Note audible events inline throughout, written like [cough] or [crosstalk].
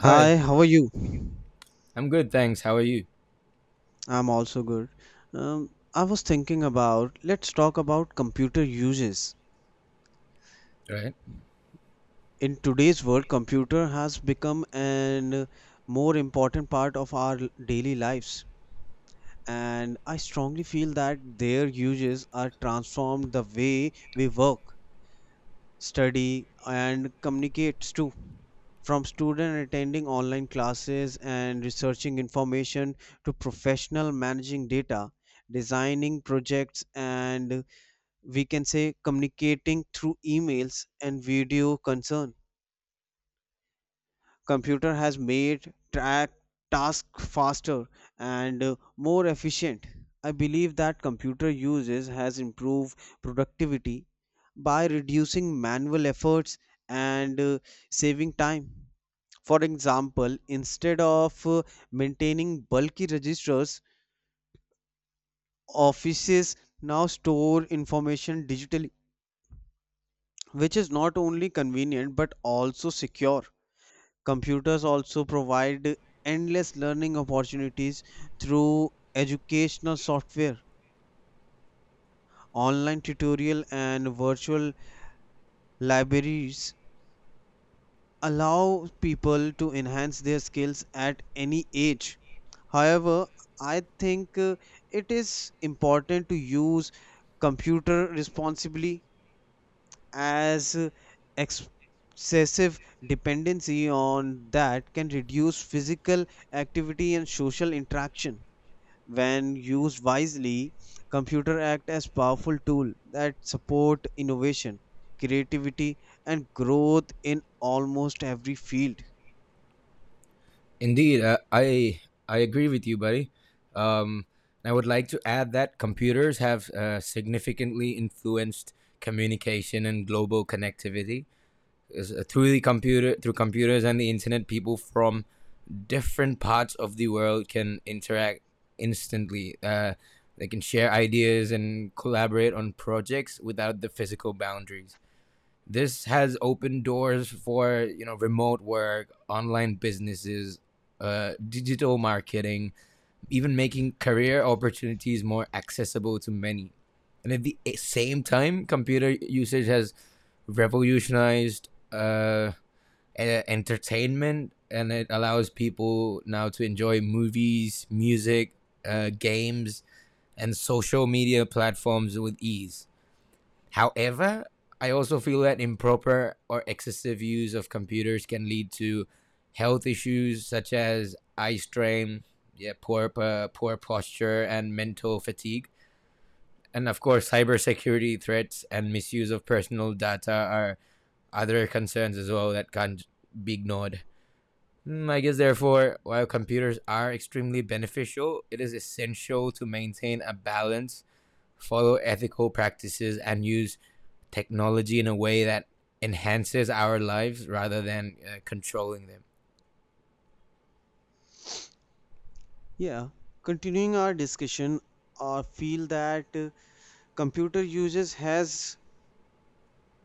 Hi, how are you? I'm good, thanks. How are you? I'm also good. Um, I was thinking about let's talk about computer uses. Right. In today's world, computer has become an more important part of our daily lives. And I strongly feel that their uses are transformed the way we work study and communicates too from student attending online classes and researching information to professional managing data designing projects and we can say communicating through emails and video concern computer has made track task faster and more efficient. I believe that computer uses has improved productivity by reducing manual efforts and saving time. For example, instead of maintaining bulky registers, offices now store information digitally, which is not only convenient but also secure. Computers also provide endless learning opportunities through educational software. Online tutorial and virtual libraries allow people to enhance their skills at any age. However, I think it is important to use computer responsibly as excessive dependency on that can reduce physical activity and social interaction. When used wisely, computer act as powerful tool that support innovation, creativity and growth in almost every field. Indeed, I agree with you, buddy. Um, I would like to add that computers have significantly influenced communication and global connectivity. Through computers and the internet, people from different parts of the world can interact instantly. They can share ideas and collaborate on projects without the physical boundaries. This has opened doors for remote work, online businesses, digital marketing, even making career opportunities more accessible to many. And at the same time, computer usage has revolutionized entertainment, and it allows people now to enjoy movies, music, games, and social media platforms with ease. However, I also feel that improper or excessive use of computers can lead to health issues such as eye strain, yeah, poor posture, and mental fatigue. And of course, cybersecurity threats and misuse of personal data are other concerns as well that can't be ignored. I guess, therefore, while computers are extremely beneficial, it is essential to maintain a balance, follow ethical practices, and use technology in a way that enhances our lives rather than controlling them. Yeah, continuing our discussion, I feel that computer uses has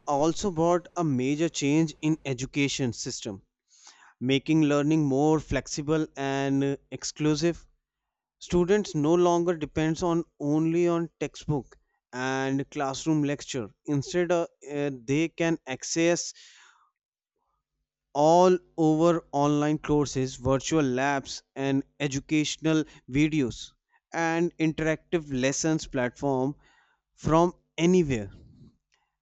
also brought a major change in education system, making learning more flexible and exclusive. Students no longer depends on only on textbook and classroom lecture. Instead, they can access all over online courses, virtual labs, and educational videos and interactive lessons platform from anywhere.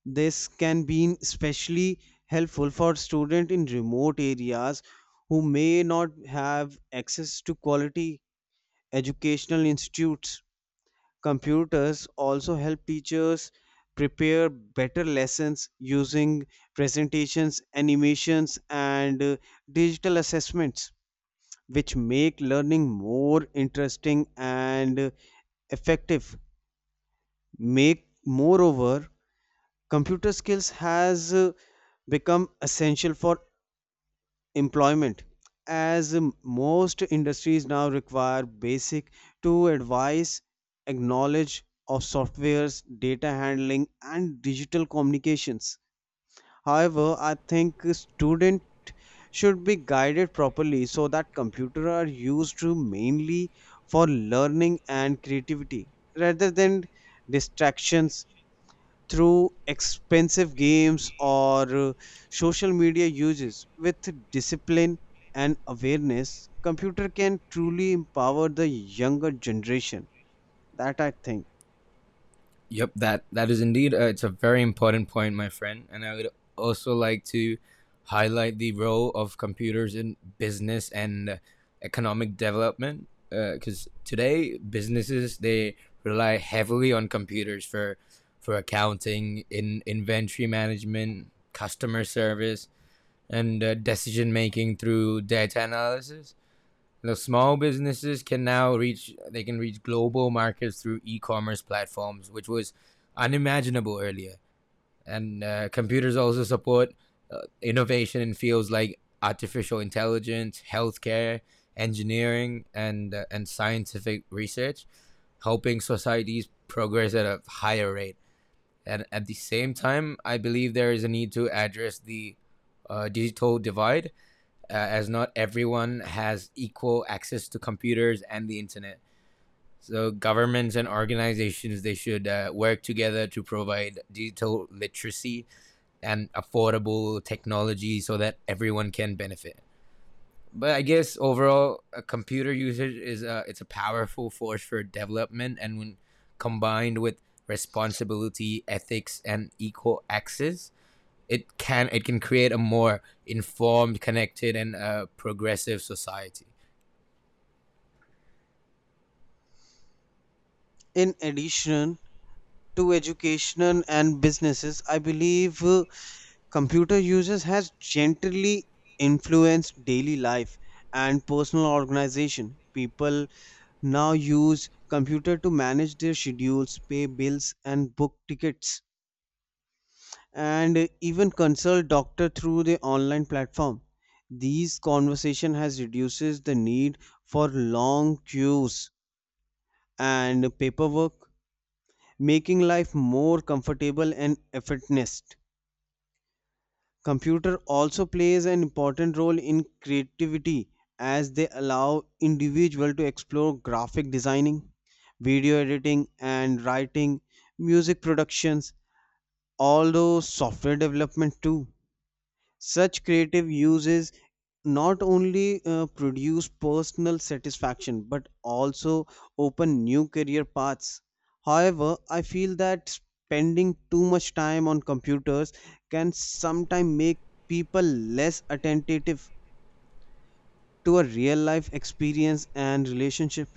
This can be especially helpful for students in remote areas who may not have access to quality educational institutes. Computers also help teachers prepare better lessons using presentations, animations, and digital assessments, which make learning more interesting and effective. Make moreover, computer skills has become essential for employment as most industries now require basic to advise acknowledge of softwares data handling and digital communications. However, I think student should be guided properly so that computer are used to mainly for learning and creativity rather than distractions through expensive games or uh, social media uses. With discipline and awareness, computer can truly empower the younger generation. That I think. Yep, that is indeed, it's a very important point, my friend. And I would also like to highlight the role of computers in business and economic development, because today businesses, they rely heavily on computers for accounting, in inventory management, customer service, and decision making through data analysis. The small businesses can now reach, they can reach global markets through e-commerce platforms, which was unimaginable earlier. And computers also support innovation in fields like artificial intelligence, healthcare, engineering, and scientific research, helping societies progress at a higher rate. And at the same time, I believe there is a need to address the digital divide, as not everyone has equal access to computers and the internet. So governments and organizations, they should work together to provide digital literacy and affordable technology so that everyone can benefit. But I guess overall, computer usage is a, it's a powerful force for development, and when combined with responsibility, ethics, and equal access, it can create a more informed, connected, and progressive society. In addition to education and businesses, I believe computer users has gently influenced daily life and personal organization. People now use computer to manage their schedules, pay bills, and book tickets and even consult doctor through the online platform. These conversation has reduces the need for long queues and paperwork, making life more comfortable and effortless. Computer also plays an important role in creativity as they allow individual to explore graphic designing, video editing and writing, music productions, although software development too. Such creative uses not only produce personal satisfaction but also open new career paths. However, I feel that spending too much time on computers can sometimes make people less attentive to a real life experience and relationship.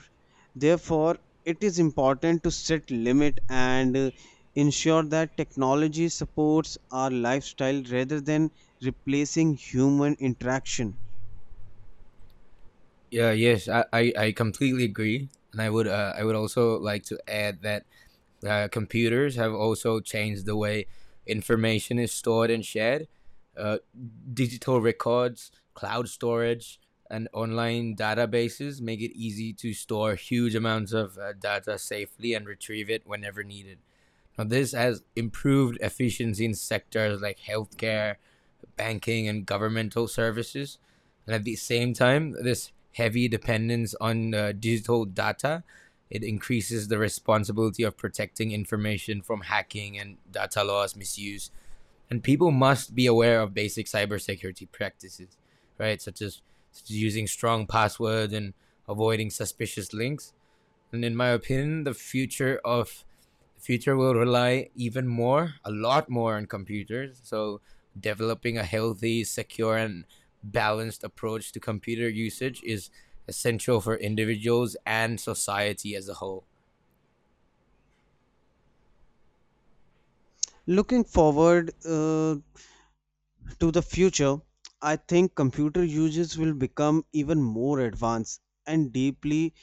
Therefore, it is important to set limit and ensure that technology supports our lifestyle rather than replacing human interaction. Yeah, yes, I completely agree, and I would also like to add that computers have also changed the way information is stored and shared. Uh, Digital records, cloud storage, and online databases make it easy to store huge amounts of data safely and retrieve it whenever needed. Now, this has improved efficiency in sectors like healthcare, banking, and governmental services. And at the same time, this heavy dependence on digital data, it increases the responsibility of protecting information from hacking and data loss misuse. And people must be aware of basic cybersecurity practices, right? Such as, using strong passwords and avoiding suspicious links. And in my opinion, the future will rely even more, a lot more, on computers. So developing a healthy, secure, and balanced approach to computer usage is essential for individuals and society as a whole. Looking forward uh, to the future, I think computer uses will become even more advanced and deeply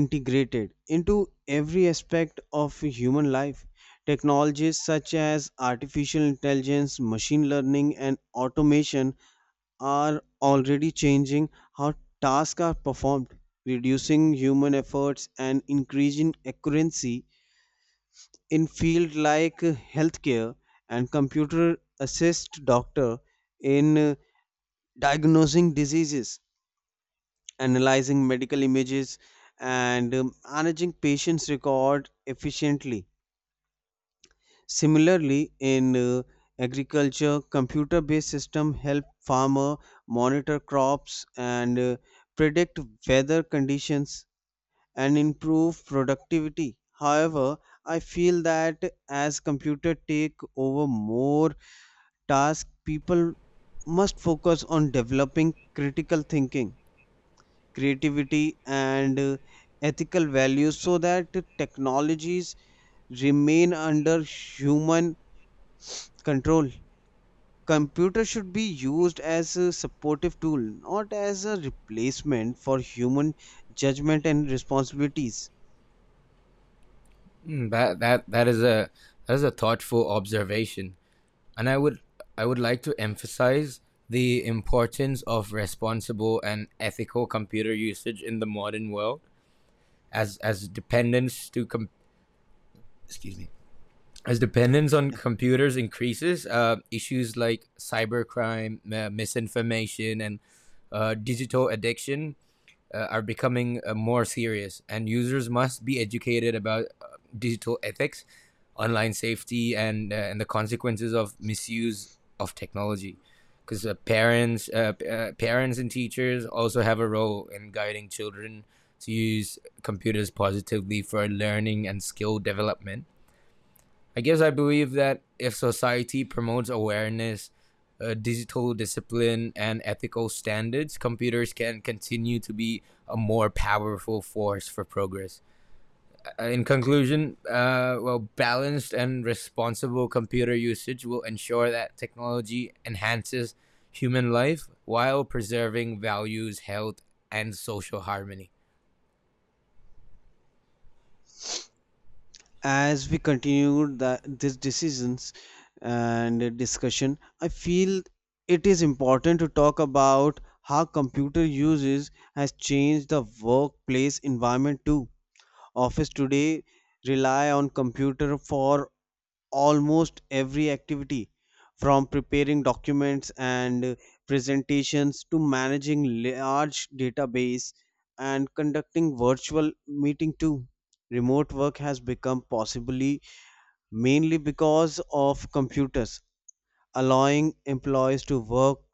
integrated into every aspect of human life. Technologies such as artificial intelligence, machine learning, and automation are already changing how tasks are performed, reducing human efforts and increasing accuracy in fields like healthcare, and computer assist doctor in diagnosing diseases, analyzing medical images, and managing patients record efficiently. Similarly, in agriculture, computer based system help farmer monitor crops and predict weather conditions and improve productivity. However, I feel that as computer take over more tasks, people must focus on developing critical thinking, creativity and ethical values so that technologies remain under human control. Computer should be used as a supportive tool, not as a replacement for human judgment and responsibilities. That is a, thoughtful observation, and I would like to emphasize the importance of responsible and ethical computer usage in the modern world. As dependence to com- Excuse me. As dependence on Yeah. computers increases, issues like cybercrime, misinformation, and digital addiction are becoming more serious, and users must be educated about digital ethics, online safety, and the consequences of misuse of technology. Because parents and teachers also have a role in guiding children to use computers positively for learning and skill development. I believe that if society promotes awareness, digital discipline, and ethical standards, computers can continue to be a more powerful force for progress. In conclusion, well, balanced and responsible computer usage will ensure that technology enhances human life while preserving values, health, and social harmony. As we continue this decisions and discussion, I feel it is important to talk about how computer uses has changed the workplace environment too. Office today rely on computer for almost every activity, from preparing documents and presentations to managing large database and conducting virtual meeting too. Remote work has become possibly mainly because of computers, allowing employees to work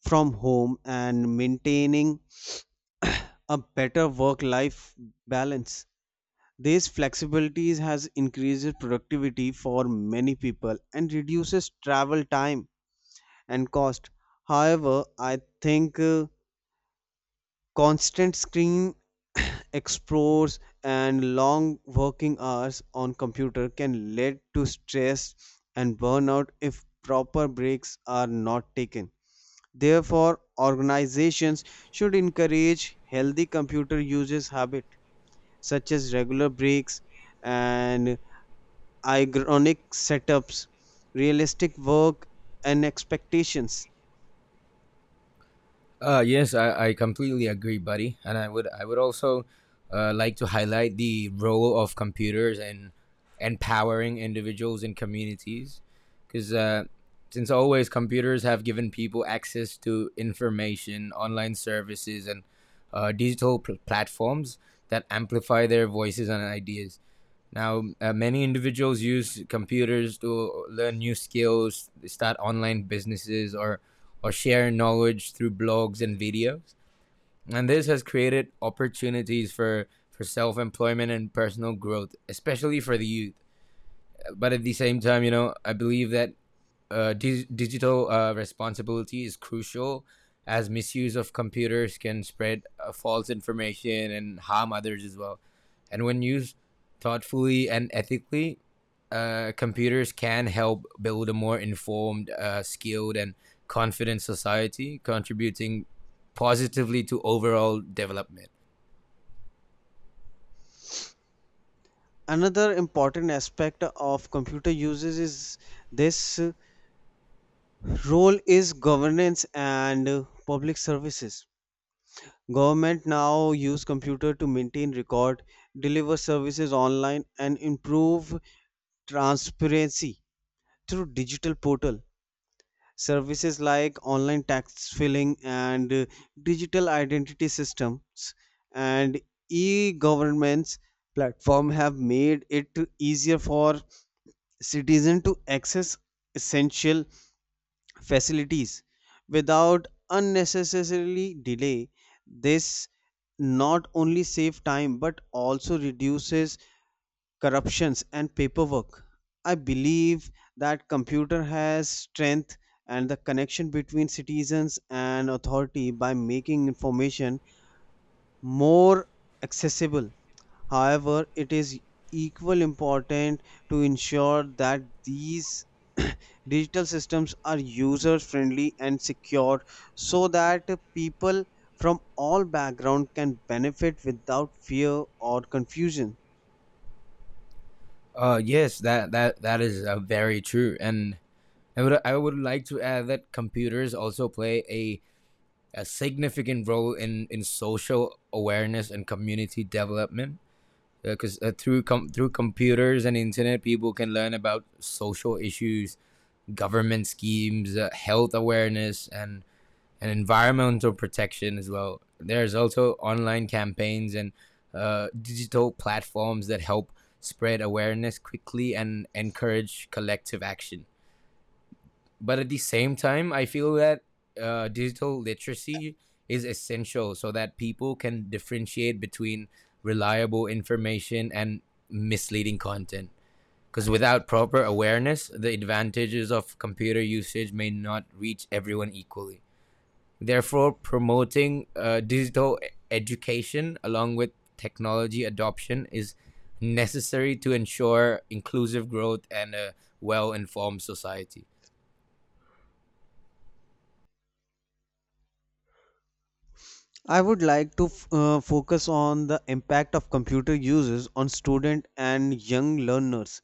from home and maintaining [coughs] [clears throat] a better work life balance. These flexibilities has increased productivity for many people and reduces travel time and cost. However, I think constant screen [coughs] [clears throat] explores and long working hours on computer can lead to stress and burnout if proper breaks are not taken. Therefore, organizations should encourage healthy computer usage habit such as regular breaks and ironic setups, realistic work, and expectations. Yes, I completely agree, buddy. And I would also like to highlight the role of computers and empowering individuals and communities, because since always, computers have given people access to information, online services, and digital pl- platforms that amplify their voices and ideas. Now, many individuals use computers to learn new skills, start online businesses, or share knowledge through blogs and videos. And this has created opportunities for self employment and personal growth, especially for the youth. But at the same time, you know, I believe that digital responsibility is crucial, as misuse of computers can spread false information and harm others as well. And when used thoughtfully and ethically, computers can help build a more informed, skilled, and confident society, contributing positively to overall development. Another important aspect of computer uses is this role is governance and public services. Government now use computer to maintain record, deliver services online, and improve transparency through digital portal services like online tax filing and digital identity systems and e-governments platform have made it easier for citizens to access essential facilities without unnecessarily delay. This not only save time but also reduces corruptions and paperwork. I believe that computer has strength and the connection between citizens and authority by making information more accessible. However, it is equal important to ensure that these [coughs] [clears throat] digital systems are user friendly and secure so that people from all background can benefit without fear or confusion. Yes, that is, very true, and I would like to add that computers also play a significant role in social awareness and community development. Because through computers and internet, people can learn about social issues, government schemes, health awareness, and environmental protection as well. There's also online campaigns and digital platforms that help spread awareness quickly and encourage collective action. But at the same time, I feel that digital literacy is essential so that people can differentiate between reliable information and misleading content, because without proper awareness the advantages of computer usage may not reach everyone equally. Therefore, promoting education along with technology adoption is necessary to ensure inclusive growth and a well-informed society. I would like to focus on the impact of computer uses on student and young learners.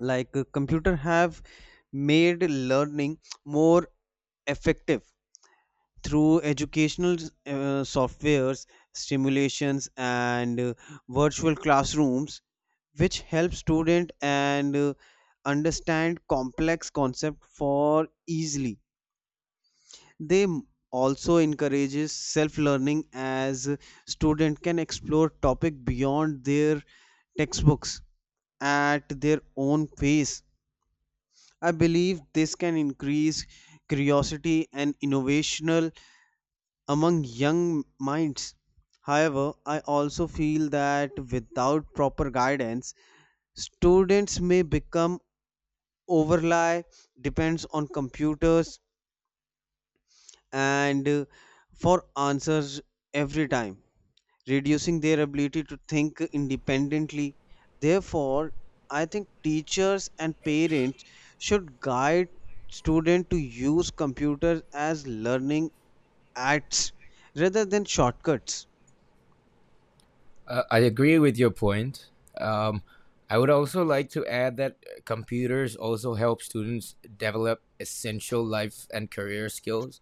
Like computer have made learning more effective through educational softwares, stimulations, and virtual classrooms, which help student and understand complex concept for easily. Also encourages self learning as student can explore topic beyond their textbooks at their own pace. I believe this can increase curiosity and innovational among young minds. However, I also feel that without proper guidance students may become overly depends on computers and for answers every time, reducing their ability to think independently. Therefore, I think teachers and parents should guide students to use computers as learning aids rather than shortcuts. I agree with your point. Um, I would also like to add that computers also help students develop essential life and career skills,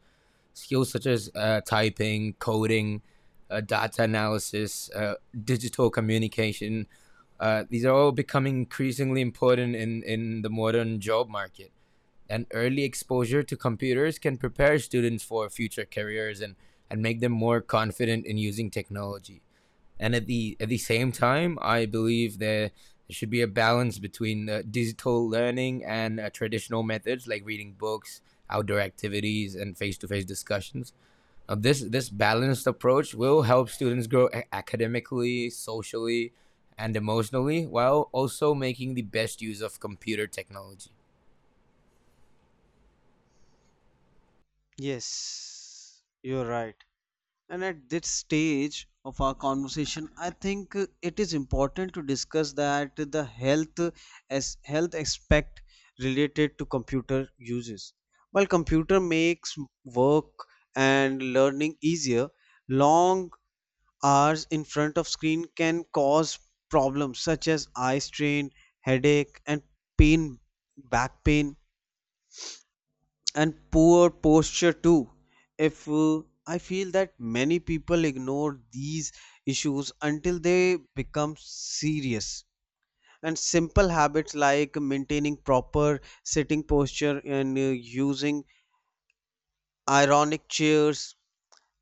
skills such as typing, coding, data analysis, digital communication. These are all becoming increasingly important in the modern job market. And early exposure to computers can prepare students for future careers and make them more confident in using technology. And at the same time, I believe there should be a balance between digital learning and traditional methods like reading books, outdoor activities, and face-to-face discussions. This balanced approach will help students grow academically, socially, and emotionally, while also making the best use of computer technology. Yes, you're right. And at this stage of our conversation, I think it is important to discuss that the health aspect related to computer uses. While computer makes work and learning easier, long hours in front of screen can cause problems such as eye strain, headache, and pain, back pain and poor posture too. If I feel that many people ignore these issues until they become serious, and simple habits like maintaining proper sitting posture and using ironic chairs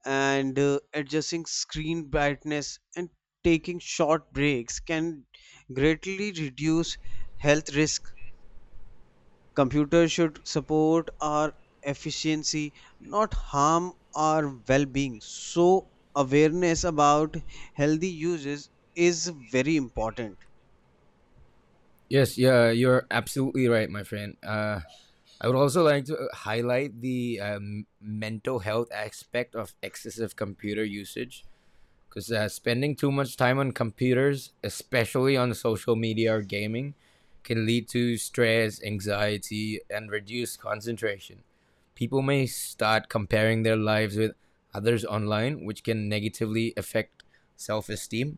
and adjusting screen brightness and taking short breaks can greatly reduce health risk. Computers should support our efficiency, not harm our well being. So, awareness about healthy uses is very important. Yes, yeah, you're absolutely right, my friend. I would also like to highlight the mental health aspect of excessive computer usage, because spending too much time on computers, especially on social media or gaming, can lead to stress, anxiety, and reduced concentration. People may start comparing their lives with others online, which can negatively affect self esteem.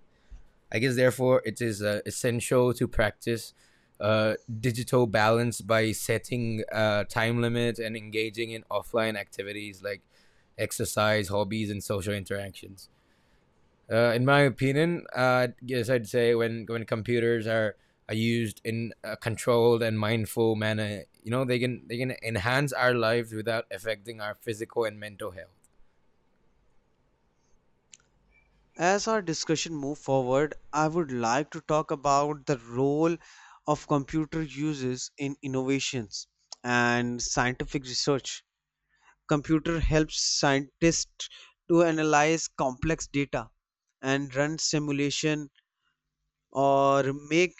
I guess, therefore, it is essential to practice uh, digital balance by setting time limits and engaging in offline activities like exercise, hobbies, and social interactions. In my opinion, I guess I'd say, when computers are used in a controlled and mindful manner, you know, they can enhance our lives without affecting our physical and mental health. As our discussion move forward, I would like to talk about the role of computer uses in innovations and scientific research. Computer helps scientists to analyze complex data and run simulation or make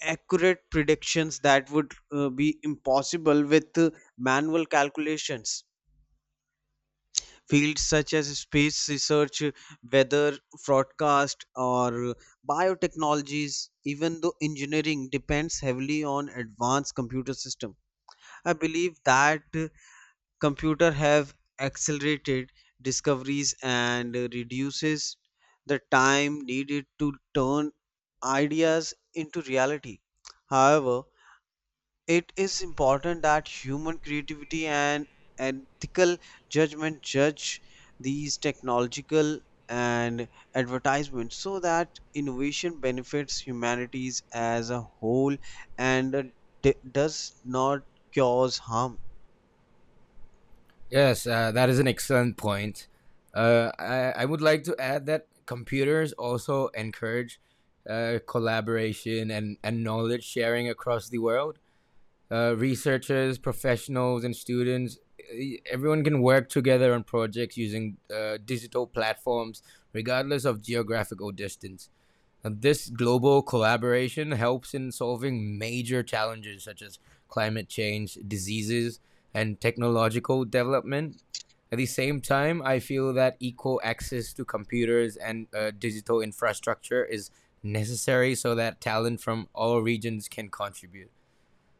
accurate predictions that would be impossible with manual calculations. Fields such as space research, weather forecast, or biotechnologies, even though engineering depends heavily on advanced computer system. I believe that computer have accelerated discoveries and reduces the time needed to turn ideas into reality. However, it is important that human creativity and ethical judgment judge these technological and advertisements so that innovation benefits humanities as a whole and does not cause harm. Yes, that is an excellent point. I would like to add that computers also encourage collaboration and knowledge sharing across the world. Researchers, professionals, and students, everyone can work together on projects using digital platforms, regardless of geographical distance. This global collaboration helps in solving major challenges such as climate change, diseases, and technological development. At the same time, I feel that equal access to computers and digital infrastructure is necessary so that talent from all regions can contribute.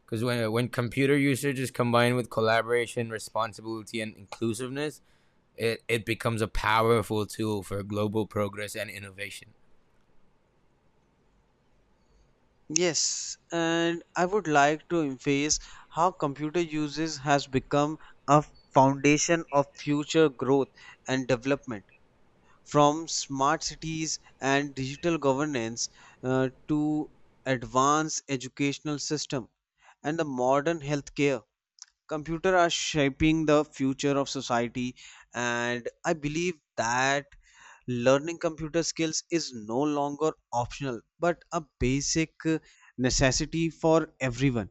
Because when computer usage is combined with collaboration, responsibility, and inclusiveness, it becomes a powerful tool for global progress and innovation. Yes, and I would like to emphasize how computer uses has become a foundation of future growth and development. From smart cities and digital governance to advanced educational system and the modern healthcare, computer are shaping the future of society, and I believe that learning computer skills is no longer optional but a basic necessity for everyone.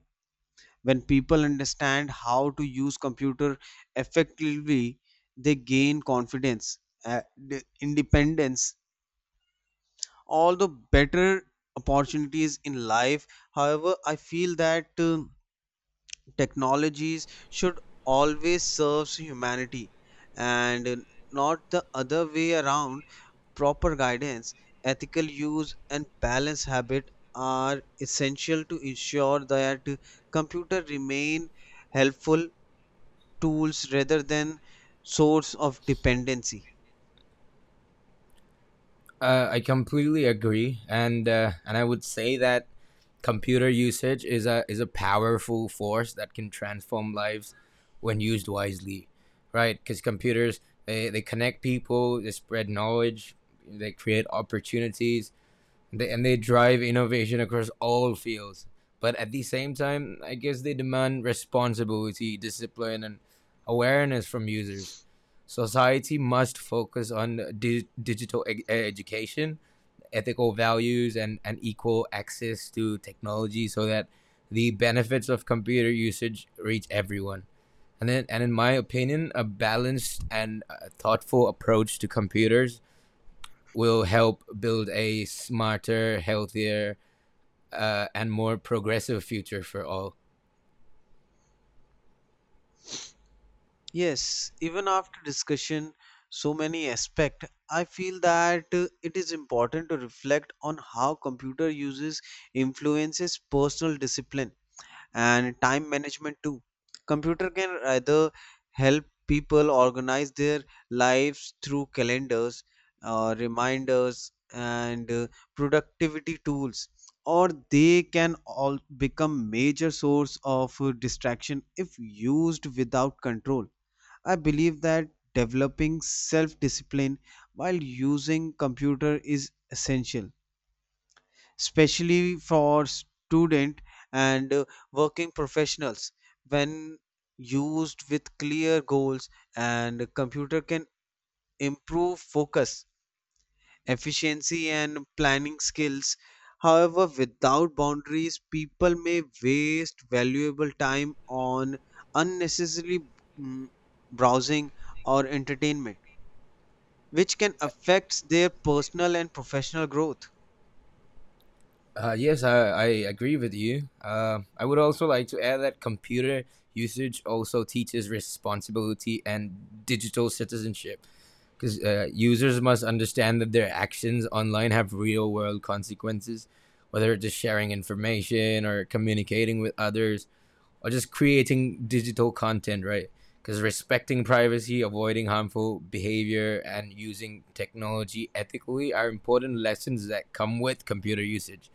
When people understand how to use computer effectively, they gain confidence, independence, all the better opportunities in life. However, I feel that technologies should always serve humanity and not the other way around. Proper guidance, ethical use, and balanced habit are essential to ensure that computers remain helpful tools rather than source of dependency. I completely agree, and I would say that computer usage is a, is a powerful force that can transform lives when used wisely, right? Because computers, they connect people, they spread knowledge, they create opportunities, they, and they drive innovation across all fields. But at the same time, I guess they demand responsibility, discipline, and awareness from users. Society must focus on education, ethical values, and equal access to technology so that the benefits of computer usage reach everyone. And then, and in my opinion, a balanced and thoughtful approach to computers will help build a smarter, healthier, and more progressive future for all. Yes, even after discussion, so many aspect, I feel that it is important to reflect on how computer uses influences personal discipline and time management too. Computer can either help people organize their lives through calendars, reminders, and productivity tools, or they can all become major source of distraction if used without control. I believe that developing self-discipline while using computer is essential, especially for student and working professionals. When used with clear goals and computer can improve focus efficiency and planning skills. However, without boundaries people may waste valuable time on unnecessary mm, browsing or entertainment, which can affect their personal and professional growth. Yes, I agree with you. I would also like to add that computer usage also teaches responsibility and digital citizenship. Because users must understand that their actions online have real world consequences, whether it's just sharing information or communicating with others or just creating digital content, right? Because respecting privacy, avoiding harmful behavior, and using technology ethically are important lessons that come with computer usage.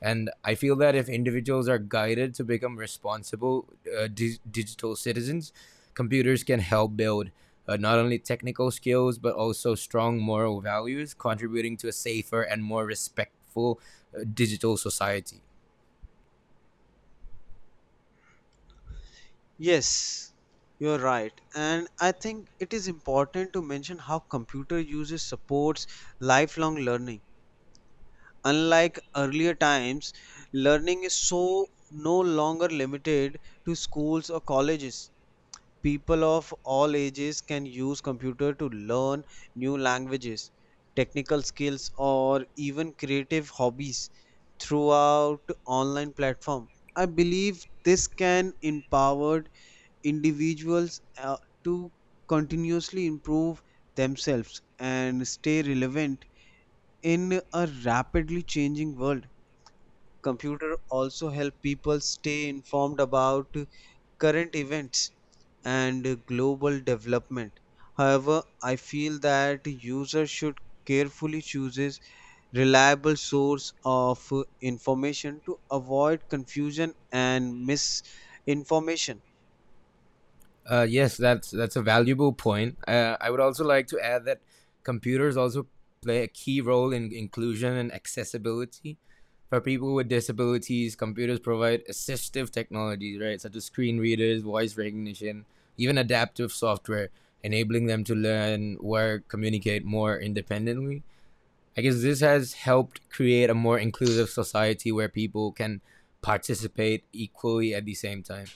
And I feel that if individuals are guided to become responsible digital citizens, computers can help build, not only technical skills, but also strong moral values, contributing to a safer and more respectful digital society. Yes, you're right. And I think it is important to mention how computer uses supports lifelong learning. Unlike earlier times, learning is so no longer limited to schools or colleges. People of all ages can use computer to learn new languages, technical skills, or even creative hobbies throughout online platform. I believe this can empower individuals to continuously improve themselves and stay relevant in a rapidly changing world. Computer also help people stay informed about current events and global development. However, I feel that users should carefully chooses reliable source of information to avoid confusion and misinformation. Yes, that's a valuable point. I would also like to add that computers also play a key role in inclusion and accessibility. For people with disabilities, computers provide assistive technologies, right, such as screen readers, voice recognition, even adaptive software, enabling them to learn, work, communicate more independently. I guess this has helped create a more inclusive society where people can participate equally. At the same time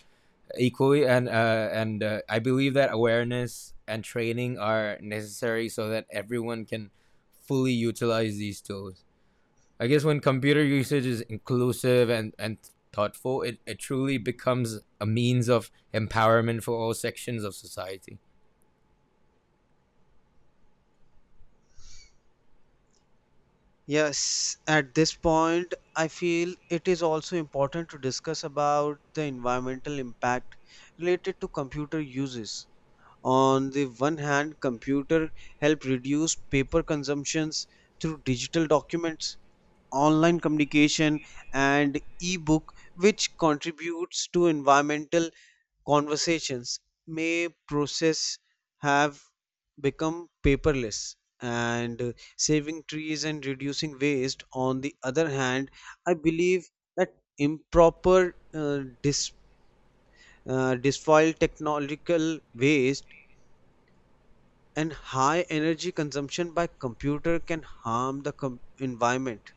equally And I believe that awareness and training are necessary so that everyone can fully utilize these tools. I guess when computer usage is inclusive and thoughtful, it truly becomes a means of empowerment for all sections of society. Yes, at this point, I feel it is also important to discuss about the environmental impact related to computer uses. On the one hand, computer help reduce paper consumptions through digital documents, online communication, and e-book, which contributes to environmental conversations may process have become paperless and saving trees and reducing waste. On the other hand, I believe that improper disfoil technological waste and high energy consumption by computer can harm the environment.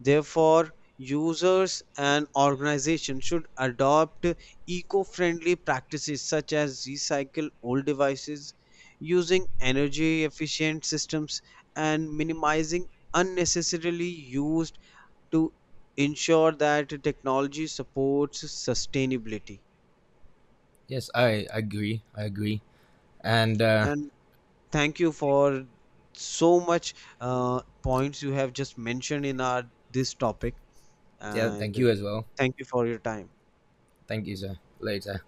Therefore, users and organizations should adopt eco friendly practices such as recycle old devices, using energy efficient systems, and minimizing unnecessarily used to ensure that technology supports sustainability. Yes, I agree. And And thank you for so much points you have just mentioned in our this topic yeah, thank and you as well. thank you for your time. Thank you, sir. Later.